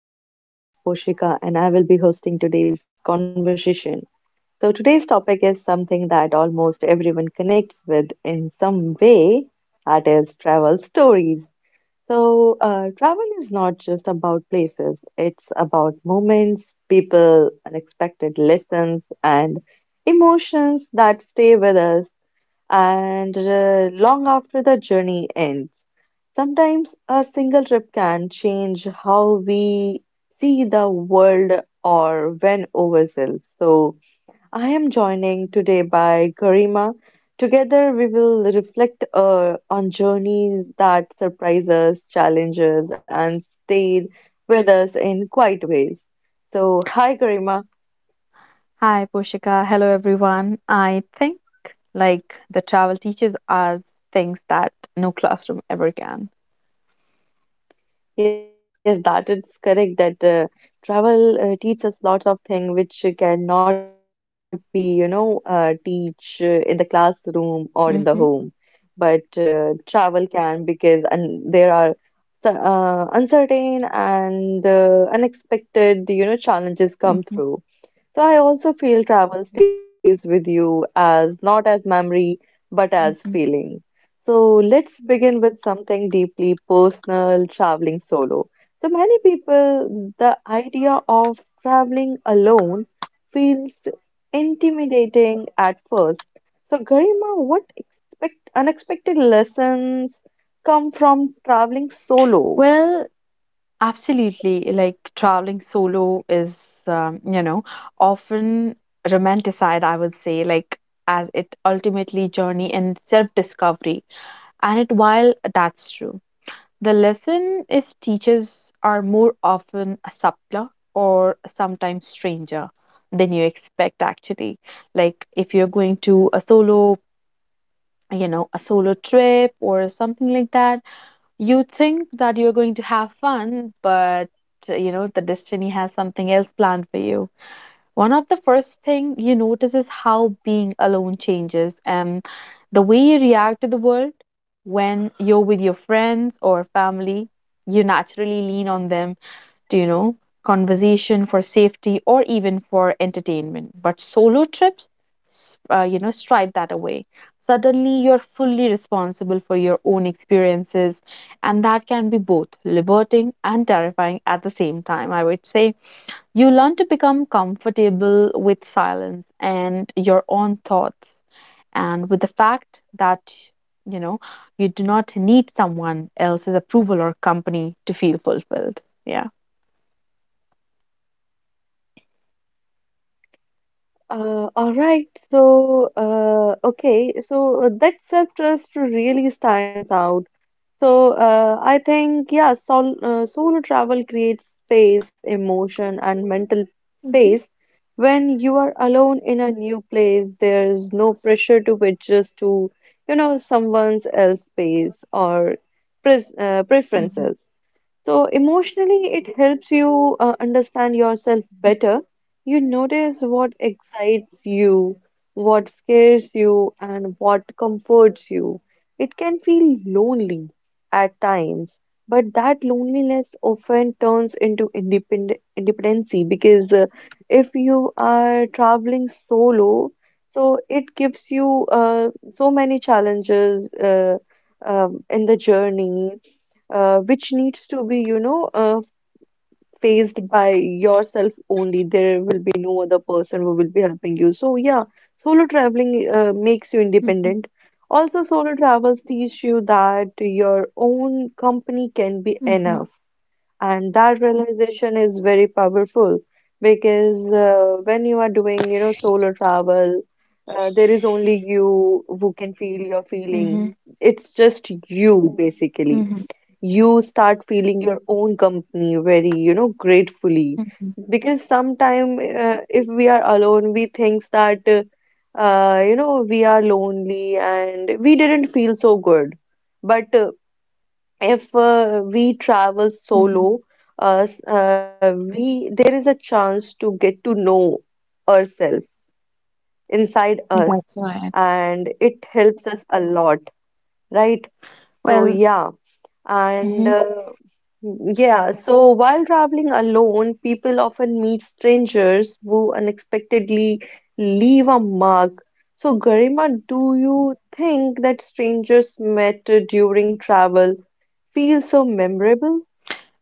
to the podcast. My name is Poshika, and I will be hosting today's conversation. So, today's topic is something that almost everyone connects with in some way, that is, travel stories. So, travel is not just about places, it's about moments, people, unexpected lessons, and emotions that stay with us and long after the journey ends. Sometimes a single trip can change how we see the world or when ourselves. So, I am joining today by Garima. Together we will reflect on journeys that surprise us, challenge us, and stayed with us in quite ways. So, hi Garima. Hi, Poshika. Hello, everyone. I think like the travel teaches us things that no classroom ever can. Yes, that is correct that travel teaches lots of things which cannot be, you know, teach in the classroom or in the home. Mm-hmm, But travel can because and there are so, uncertain and unexpected, you know, challenges come mm-hmm, through. So I also feel travel stays with you as not as memory, but as hmm. feeling. So let's begin with something deeply personal, traveling solo. So many people, the idea of traveling alone feels intimidating at first. So Garima, what expect unexpected lessons come from traveling solo? Well, absolutely. Like traveling solo is, um, you know, often romanticized, I would say, like as it ultimately journey in self-discovery. And it While that's true. The lesson is teachers are more often a subtler or sometimes stranger than you expect actually. Like if you're going to a solo, a solo trip or something like that, you think that you're going to have fun, but the destiny has something else planned for you. One of the first thing you notice is how being alone changes and the way you react to the world. When you're with your friends or family, you naturally lean on them to, conversation for safety or even for entertainment. But solo trips, stripe that away. Suddenly, you're fully responsible for your own experiences, and that can be both liberating and terrifying at the same time, I would say. You learn to become comfortable with silence and your own thoughts, and with the fact that you know you do not need someone else's approval or company to feel fulfilled. Yeah. All right, so okay, so that self-trust really stands out. So I think yeah, solo travel creates space, emotion, and mental Mhm. space. When you are alone in a new place, there's no pressure to adjust to, you know, someone else's pace or pres Mhm, preferences. So emotionally, it helps you understand yourself better. You notice what excites you, what scares you, and what comforts you. It can feel lonely at times, but that loneliness often turns into independency because if you are traveling solo, so it gives you so many challenges in the journey which needs to be, you know, faced by yourself only. There will be no other person who will be helping you. So, yeah, solo traveling makes you mhm, independent. Also, solo travels teach you that your own company can be mhm, enough. And that realization is very powerful because when you are doing, you know, solo travel, there is only you who can feel your mhm, feeling. It's just you, basically mhm, you start feeling your own company very, you know, gratefully. mhm, Because sometime if we are alone, we think that, you know, we are lonely and we didn't feel so good. But if we travel mhm. solo, s- we there is a chance to get to know ourselves inside us, That's right. and it helps us a lot, right? So Well. yeah. And Mhm. uh, yeah, so while traveling alone, people often meet strangers who unexpectedly leave a mark. So, Garima, do you think that strangers met during travel feel so memorable?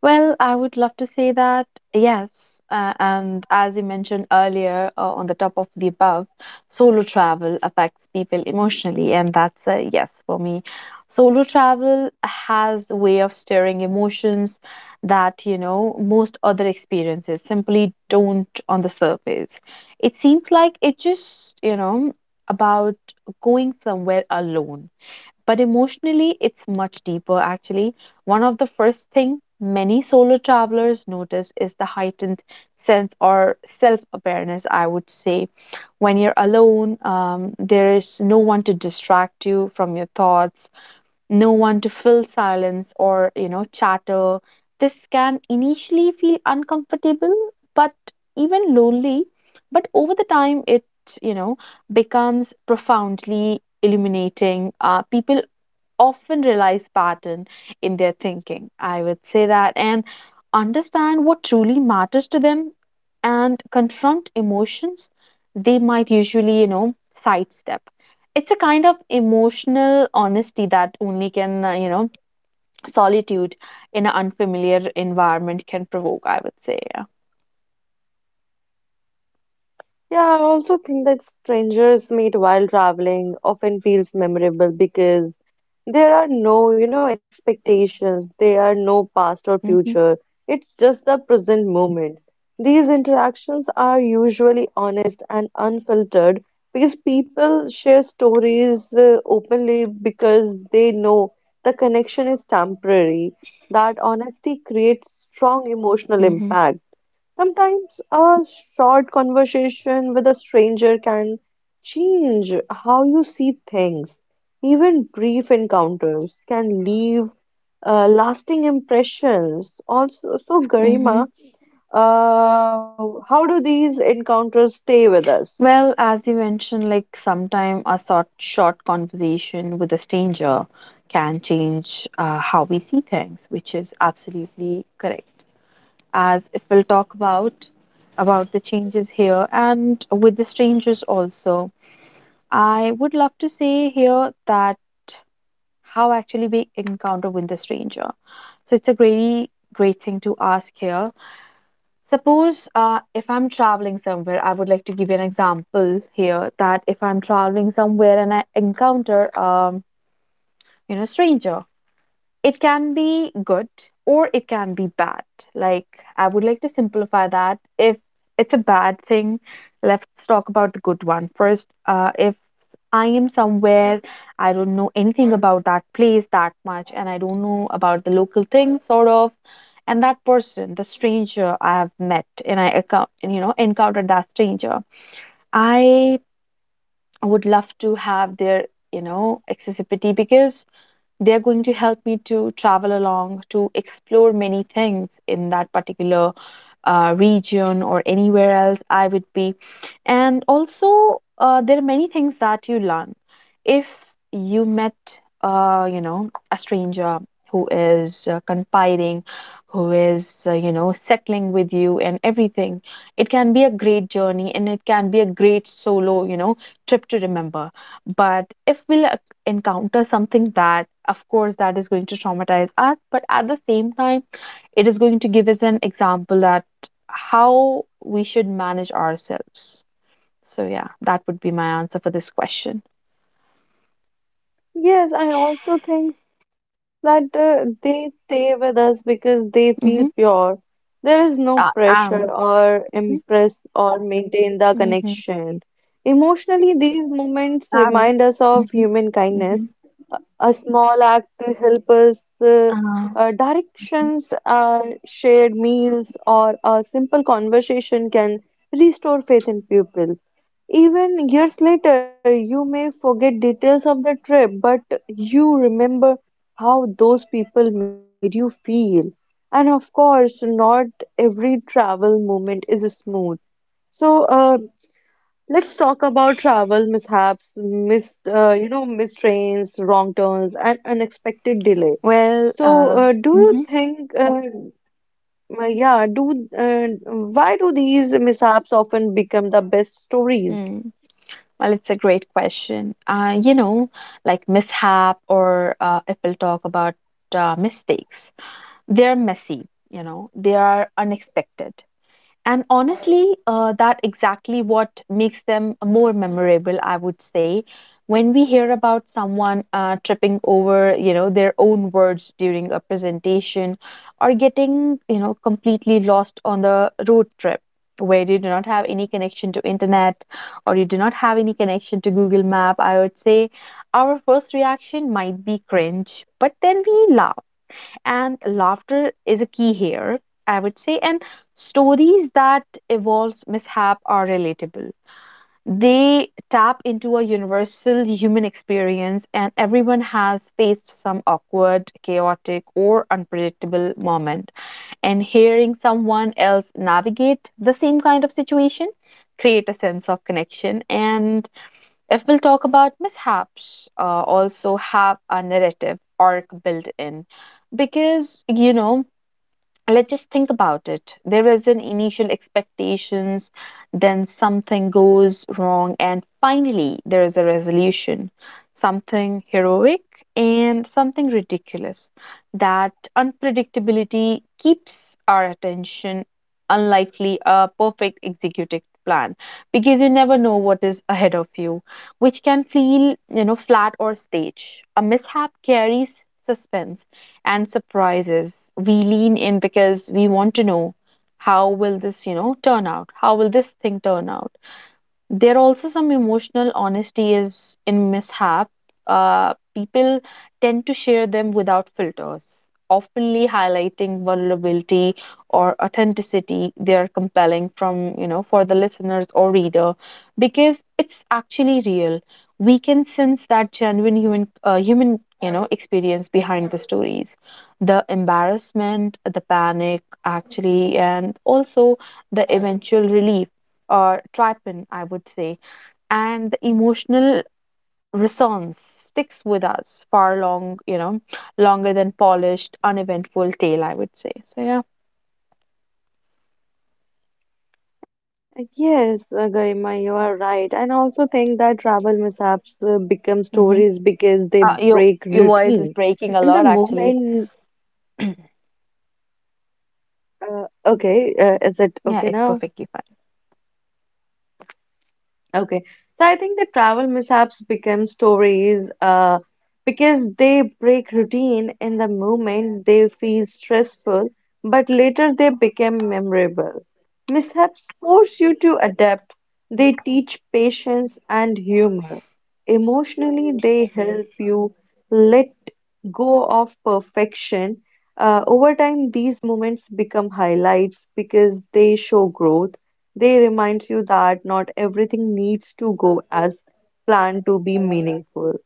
Well, I would love to say that yes. And as you mentioned earlier, on the top of the above, solo travel affects people emotionally, and that's a yes for me. Solo travel has a way of stirring emotions that, most other experiences simply don't on the surface. It seems like it just, about going somewhere alone, but emotionally it's much deeper actually. One of the first thing many solo travelers notice is the heightened sense or self-awareness, I would say. When you're alone, there is no one to distract you from your thoughts, no one to fill silence or chatter. This can initially feel uncomfortable, but even lonely. But over the time it you know becomes profoundly illuminating. People often realize pattern in their thinking, I would say. That and understand what truly matters to them, and confront emotions they might usually, sidestep. It's a kind of emotional honesty that only can, solitude in an unfamiliar environment can provoke, I would say. Yeah, I also think that strangers meet while traveling often feels memorable because there are no, you know, expectations, there are no past or Mm-hmm, future. It's just the present moment. These interactions are usually honest and unfiltered because people share stories openly because they know the connection is temporary. That honesty creates strong emotional mm-hmm, impact. Sometimes a short conversation with a stranger can change how you see things. Even brief encounters can leave lasting impressions. Also, so mm-hmm. Garima, uh, how do these encounters stay with us? Well, as you mentioned, like sometime a short conversation with a stranger can change how we see things, which is absolutely correct. As if we'll talk about the changes here and with the strangers also, I would love to say here that how actually we encounter with the stranger. So it's a very great thing to ask here. Suppose if I'm traveling somewhere, I would like to give you an example here that if I'm traveling somewhere and I encounter stranger, it can be good or it can be bad. Like, I would like to simplify that. If it's a bad thing, let's talk about the good one first. If I am somewhere, I don't know anything about that place that much, and I don't know about the local thing, sort of. And that person, the stranger I have met, and I account, and, encountered that stranger, I would love to have their, accessibility because they are going to help me to travel along, to explore many things in that particular region or anywhere else I would be. And also, there are many things that you learn. If you met, a stranger who is confiding, who is, settling with you and everything, it can be a great journey and it can be a great solo, trip to remember. But if we'll encounter something bad, of course, that is going to traumatize us. But at the same time, it is going to give us an example at how we should manage ourselves. So yeah, that would be my answer for this question. Yes, I also think that they stay with us because they feel Mm-hmm. pure. There is no Uh, um, pressure or hmm, impress or maintain the hmm, connection. Emotionally, these moments um, remind us of hmm, human hmm. kindness a small act to help us uh, Uh, directions shared meals or a simple conversation can restore faith in people even years later you may forget details of the trip but you remember how those people made you feel and of course not every travel moment is smooth so let's talk about travel mishaps, mis you know, missed trains, wrong turns, and unexpected delay. well, So, do you mhm, think, yeah, do why do these mishaps often become the best stories? mm, well, it's a great question. Like mishap, or if we'll talk about mistakes, they're messy, they are unexpected. And honestly, that exactly what makes them more memorable, I would say. When we hear about someone tripping over, their own words during a presentation, or getting, completely lost on the road trip, where you do not have any connection to internet, or you do not have any connection to Google Map, I would say our first reaction might be cringe, but then we laugh, and laughter is a key here, I would say. And stories that evolves mishap are relatable. They tap into a universal human experience, and everyone has faced some awkward, chaotic, or unpredictable moment. And hearing someone else navigate the same kind of situation create a sense of connection. And if we'll talk about mishaps, also have a narrative arc built in. Because, let's just think about it. There is an initial expectations, then something goes wrong, and finally there is a resolution, something heroic and something ridiculous. That unpredictability keeps our attention, unlikely a perfect executed plan, because you never know what is ahead of you, which can feel flat or stage. A mishap carries suspense and surprises. We lean in because we want to know, how will this, turn out? How will this thing turn out? There also some emotional honesty is in mishap. People tend to share them without filters, openly highlighting vulnerability or authenticity. They are compelling from for the listeners or reader, because it's actually real. We can sense that genuine human experience behind the stories, the embarrassment, the panic, actually, and also the eventual relief or trypan, I would say. And the emotional resonance sticks with us far long, longer than polished, uneventful tale, I would say. So yeah. Yes, Garima, you are right. And I also think that travel mishaps become Hmm. stories because they Uh, your break your voice is routine. breaking a In lot the actually. moment, okay, is it Yeah, okay it's now? perfectly fine. Okay. So I think the travel mishaps become stories because they break routine in the moment, they feel stressful, but later they become memorable. Mishaps force you to adapt, they teach patience and humor. Emotionally, they help you let go of perfection. Over time, these moments become highlights because they show growth. They remind you that not everything needs to go as planned to be meaningful.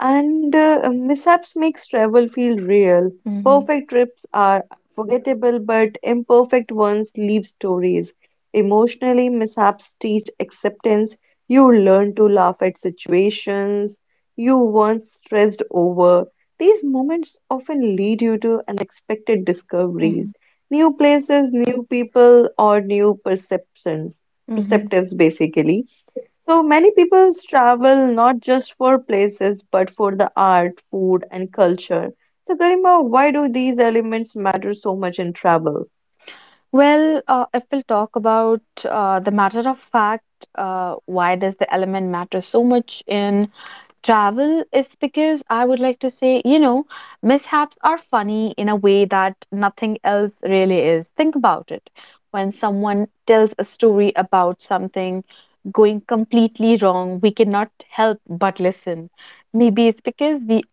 And mishaps makes travel feel real. Hmm, Perfect trips are forgettable, but imperfect ones leave stories. Emotionally, mishaps teach acceptance you learn to laugh at situations you once stressed over. These moments often lead you to unexpected discoveries, hmm, new places, new people, or new perceptions, hmm. perceptives basically. So many people travel not just for places but for the art, food, and culture. So, Garima, why do these elements matter so much in travel? Well, if we'll talk about the matter of fact, why does the element matter so much in travel is because I would like to say, mishaps are funny in a way that nothing else really is. Think about it. When someone tells a story about something going completely wrong, we cannot help but listen. Maybe it's because we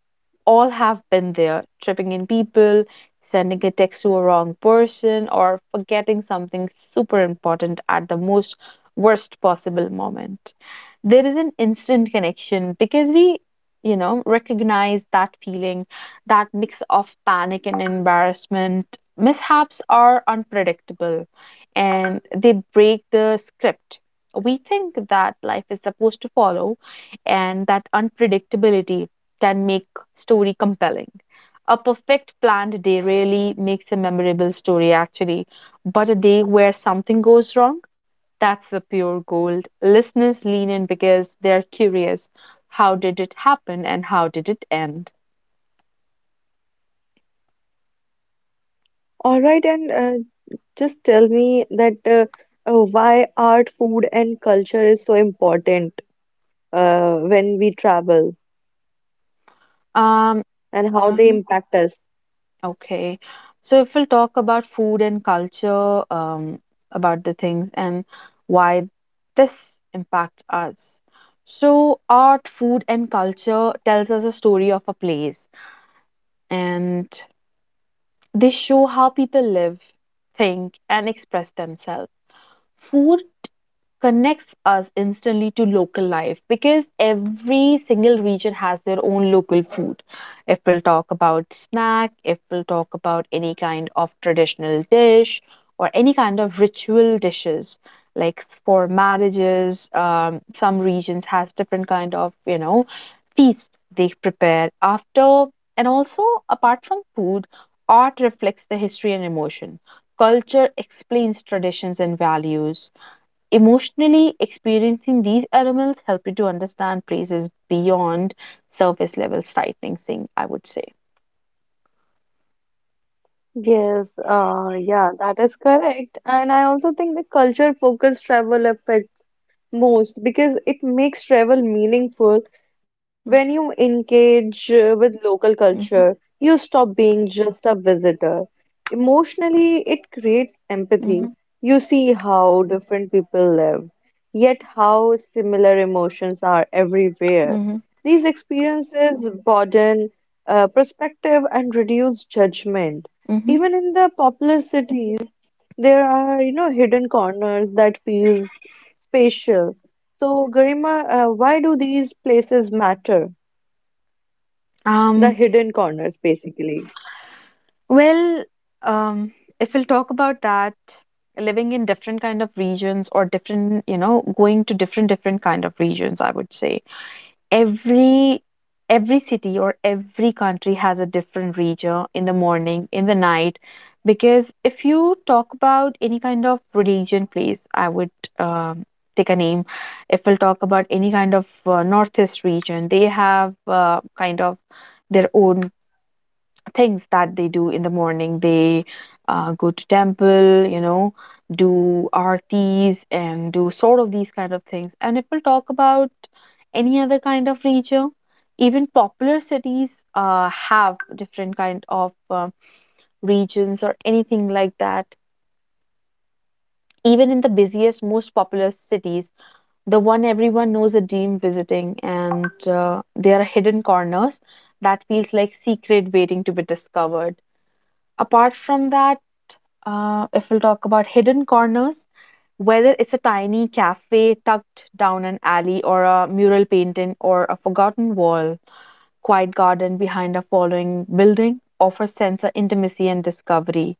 all have been there, tripping in people, sending a text to a wrong person, or forgetting something super important at the most worst possible moment. There is an instant connection because we recognize that feeling, that mix of panic and embarrassment. Mishaps are unpredictable, and they break the script we think that life is supposed to follow. And that unpredictability can make story compelling. A perfect planned day really makes a memorable story actually, but a day where something goes wrong, that's the pure gold. Listeners lean in because they're curious. How did it happen and how did it end? All right, and just tell me that why art, food, and culture is so important when we travel Um, and how they mhm, impact us. okay. So if we'll talk about food and culture, about the things and why this impacts us. So art, food, and culture tells us a story of a place, and they show how people live, think, and express themselves. Food connects us instantly to local life because every single region has their own local food. If we'll talk about snack, if we'll talk about any kind of traditional dish or any kind of ritual dishes, like for marriages, some regions has different kind of feast they prepare after. And also, apart from food, art reflects the history and emotion. Culture explains traditions and values. Emotionally experiencing these aromas help you to understand places beyond surface level sightseeing, I would say. Yes, yeah, that is correct. And I also think the culture-focused travel affects most because it makes travel meaningful when you engage with local culture. Mm-hmm, You stop being just a visitor. Emotionally, it creates empathy. mm-hmm, You see how different people live, yet how similar emotions are everywhere. mm-hmm, These experiences broaden perspective and reduce judgment. hmm. Even in the populous cities, there are, you know, hidden corners that feels spatial. So, Garima, why do these places matter? The Um, hidden corners, basically. well, um, if we'll talk about that, living in different kind of regions or different, going to different kind of regions, I would say. every every city or every country has a different region in the morning in the night. Because if you talk about any kind of religion place, I would um, take a name, if we'll talk about any kind of northeast region, they have kind of their own things that they do in the morning. They go to temple, do artis and do sort of these kind of things. And if we'll talk about any other kind of region, even popular cities have different kind of regions or anything like that. Even in the busiest, most populous cities, the one everyone knows a dream visiting, and there are hidden corners that feels like secret waiting to be discovered apart from that. If we'll talk about hidden corners, whether it's a tiny cafe tucked down an alley or a mural painting or a forgotten wall, quiet garden behind a following building offers sense of intimacy and discovery.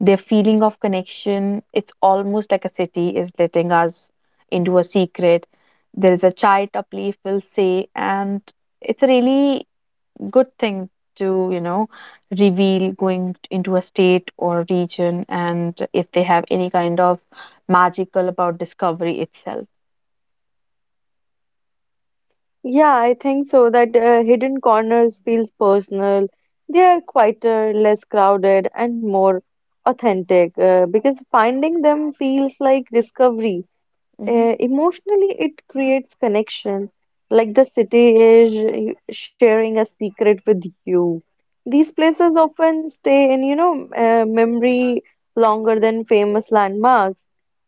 Their feeling of connection, it's almost like a city is letting us into a secret. There is a chai tapli, if we'll say, and it's a really good thing to reveal going into a state or region, and if they have any kind of magical about discovery itself. Yeah, I think so. That hidden corners feels personal. They are quieter, less crowded, and more authentic because finding them feels like discovery. Hmm, Emotionally, it creates connection, like the city is sharing a secret with you. These places often stay in, you know, memory longer than famous landmarks.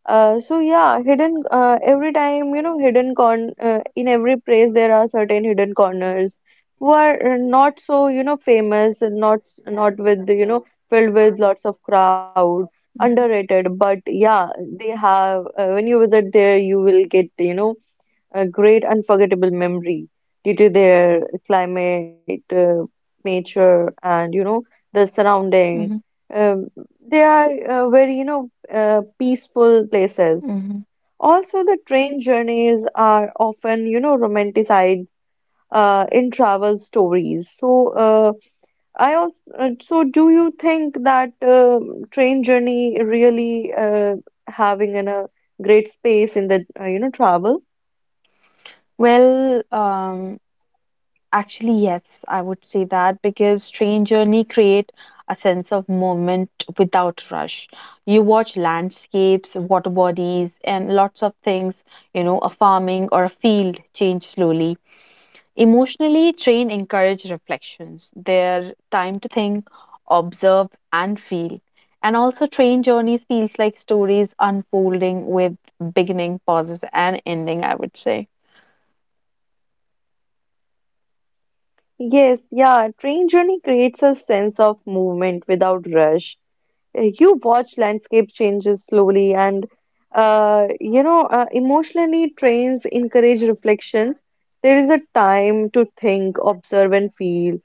So yeah, hidden every time, you know, hidden con in every place there are certain hidden corners who are not so, you know, famous and not not with, you know, filled with lots of crowd hmm, underrated, but yeah, they have when you visit there, you will get, you know, a great unforgettable memory due to their climate, nature, and you know the surrounding. hmm, Um, they are very you know peaceful places. hmm. Also, the train journeys are often you know romanticized in travel stories. So, do you think that train journey really having in a great space in the you know travel? Well, actually, yes, I would say that. Because train journey create a sense of movement without rush. You watch landscapes, water bodies, and lots of things, a farming or a field, change slowly. Emotionally, train encourage reflections, their time to think, observe, and feel. And also, train journeys feels like stories unfolding with beginning, pauses, and ending, I would say. Yes, yeah, train journey creates a sense of movement without rush. You watch landscape changes slowly and you know emotionally trains encourage reflections there is a time to think observe and feel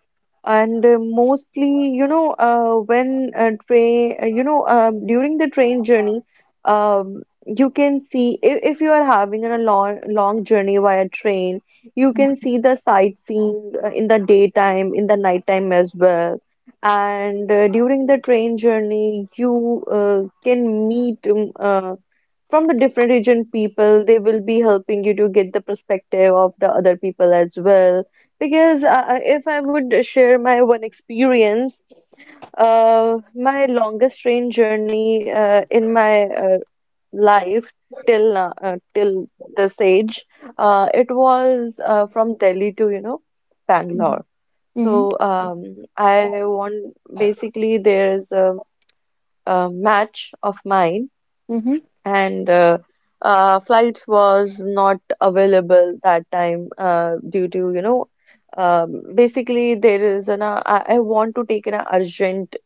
and mostly you know when train you know during the train journey you can see if you are having a long long journey via train you can see the sightseeing in the daytime in the nighttime as well and during the train journey, you can meet from the different region people. They will be helping you to get the perspective of the other people as well. Because if I would share my one experience, my longest train journey in my life till this age, it was from Delhi to, you know, Mm-hmm. Bangalore. So I want basically there's a match of mine Mm-hmm. and flights was not available that time due to you know basically there is an I want to take an urgent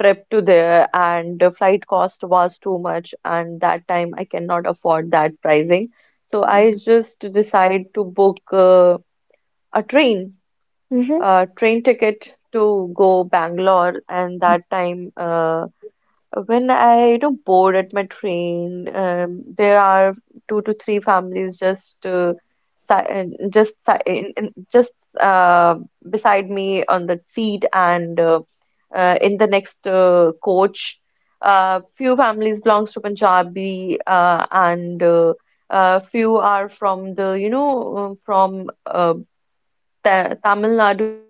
trip to there and the flight cost was too much and that time I cannot afford that pricing. So I Mm-hmm. just decide to book uh, a train Mm-hmm. uh, train ticket to go Bangalore, and that time when I you know bored at my train, there are two to three families just si- uh, just uh, beside me on the seat, and in the next coach, few families belongs to Punjabi, and few are from the you know from the Tamil Nadu,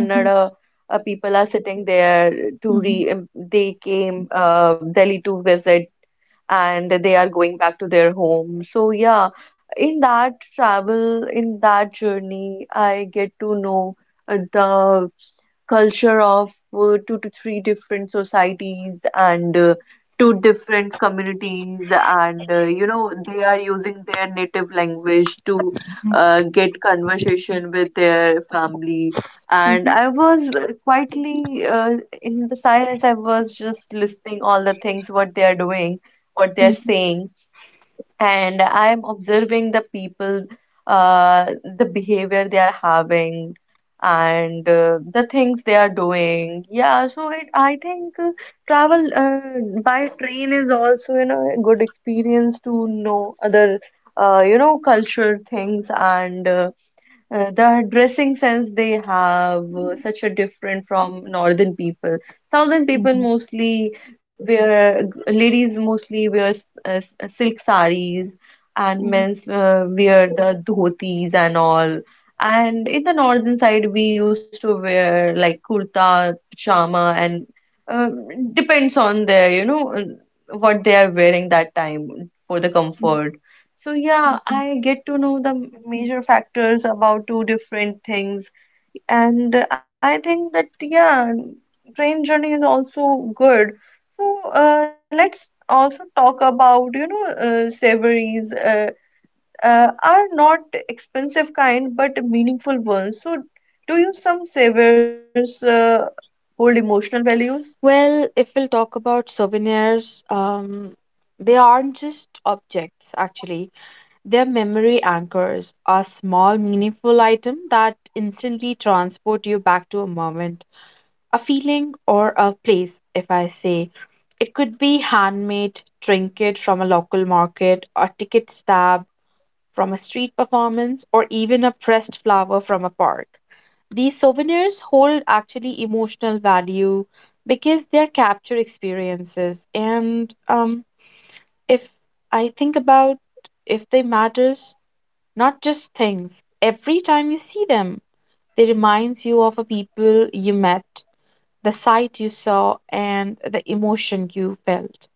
Mm-hmm. People are sitting there Mm-hmm. to Mm-hmm. re they came Delhi to visit and they are going back to their home. So yeah, in that travel, in that journey, I get to know the culture of two to three different societies and two different communities and they are using their native language to get conversation with their family. And Mm-hmm. I was quietly, in the silence, I was just listening all the things what they are doing, what they are saying, and I'm observing the people, uh, the behavior they are having, and the things they are doing. Yeah, so it, I think travel by train is also, you know, a good experience to know other, culture things, and the dressing sense they have, such a different from northern people. Southern people Mm-hmm. mostly wear, ladies mostly wear silk sarees, and Mm-hmm. men's wear the dhotis and all. And in the northern side we used to wear like kurta, pajama, and uh, depends on their what they are wearing that time for the comfort. So yeah, Mhm. I get to know the major factors about two different things, and I think that yeah, train journey is also good. So let's also talk about savories, are not expensive kind but meaningful ones. So do you some savors hold emotional values? Well, if we'll talk about souvenirs, they aren't just objects actually. Their memory anchors are small, meaningful items that instantly transport you back to a moment, a feeling, or a place, if I say. It could be handmade trinket from a local market, a ticket stub from a street performance, or even a pressed flower from a park. These souvenirs hold actually emotional value because they're captured experiences. And if I think about if they matters, not just things. Every time you see them, they reminds you of a people you met, the sight you saw, and the emotion you felt.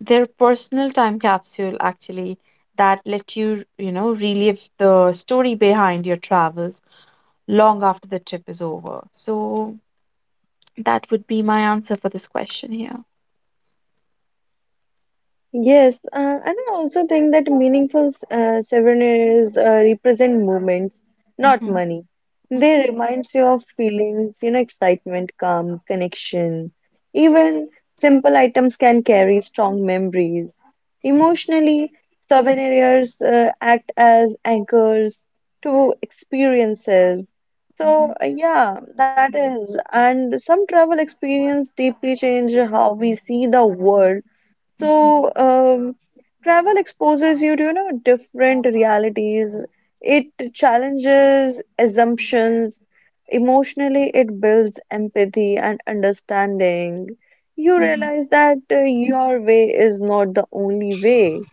Their personal time capsule actually that let you, relive the story behind your travels long after the trip is over. So that would be my answer for this question here. Yes, and I also think that meaningful souvenirs represent moments, not Hmm, money. They hmm, remind you of feelings, you know, excitement, calm, connection. Even simple items can carry strong memories. Emotionally, souvenirs act as anchors to experiences. hmm, So, yeah, that is. And some travel experience deeply change how we see the world, hmm, so, travel exposes you to, you know, different realities. It challenges assumptions. Emotionally, it builds empathy and understanding. You hmm. realize that your way is not the only way.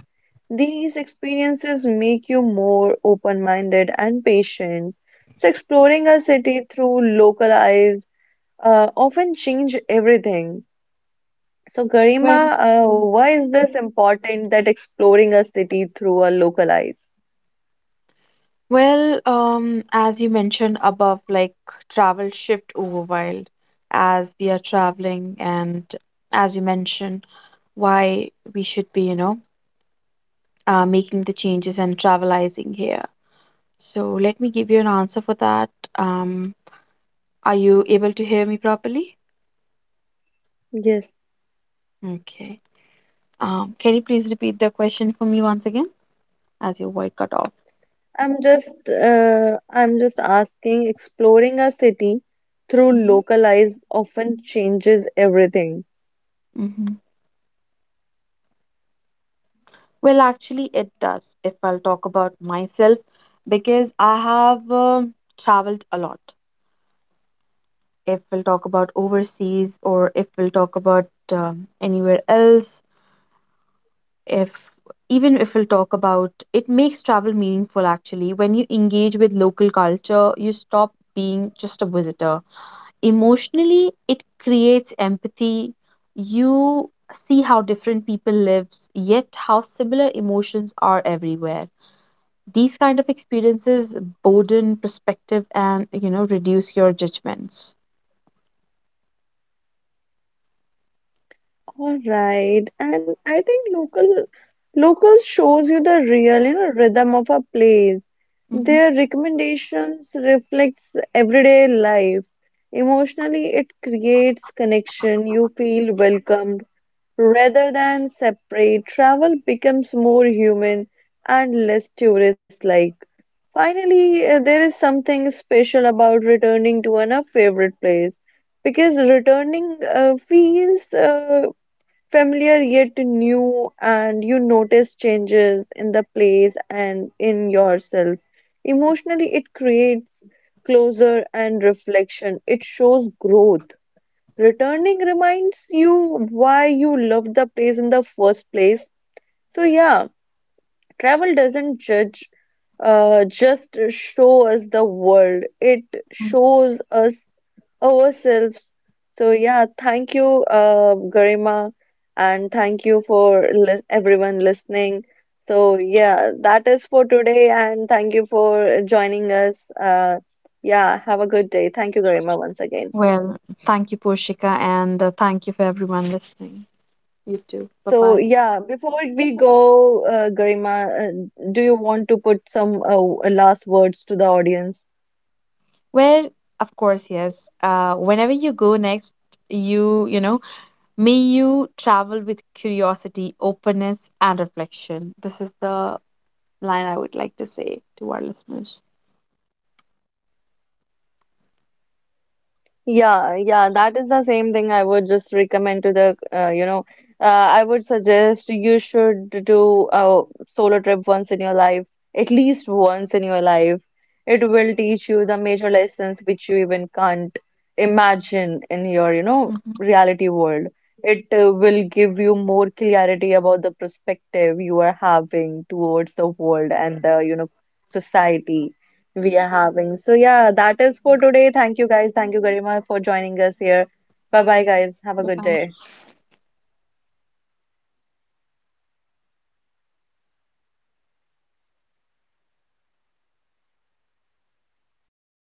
These experiences make you more open-minded and patient. So, exploring a city through local eyes often change everything. So, Garima, Well, why is this important that exploring a city through a local eyes? Well, as you mentioned above, like travel shift over wild as we are traveling, and as you mentioned, why we should be, making the changes and travelizing here. So let me give you an answer for that. Um, are you able to hear me properly? Yes. Okay. Can you please repeat the question for me once again as your voice cut off? I'm just asking, exploring a city through local eyes often changes everything. Mm-hmm. Well, actually, it does. If I'll talk about myself, because I have traveled a lot. If we'll talk about overseas, or if we'll talk about anywhere else, if even if we'll talk about it, makes travel meaningful actually. When you engage with local culture, you stop being just a visitor. Emotionally, it creates empathy. You see how different people live, yet how similar emotions are everywhere. These kind of experiences broaden perspective and reduce your judgments. All right, and I think local shows you the real, you know, rhythm of a place. Hmm. Their recommendations reflects everyday life. Emotionally, it creates connection. You feel welcomed rather than separate. Travel becomes more human and less tourist-like. Finally, there is something special about returning to an a favorite place, because returning feels familiar yet new, and you notice changes in the place and in yourself. Emotionally, it creates closure and reflection, it shows growth. Returning reminds you why you loved the place in the first place. So, yeah. Travel doesn't judge, just show us the world. It shows us ourselves. So yeah, thank you, Garima, and thank you for li everyone listening. So yeah, that is for today, and thank you for joining us. Yeah, have a good day. Thank you, Garima, once again. Well, thank you, Porshika, and thank you for everyone listening. You too. Bye So bye. yeah, before we go, Garima, do you want to put some last words to the audience? Well, of course, yes. Whenever you go next, you know, may you travel with curiosity, openness, and reflection. This is the line I would like to say to our listeners. Yeah, yeah, that is the same thing I would just recommend to the, I would suggest you should do a solo trip once in your life, at least once in your life. It will teach you the major lessons which you even can't imagine in your, you know, Hmm. reality world. It will give you more clarity about the perspective you are having towards the world and the, you know, society we are having. So, yeah, that is for today. Thank you guys. Thank you, Garima, for joining us here. Bye bye, guys. Have a Bye good bye. day.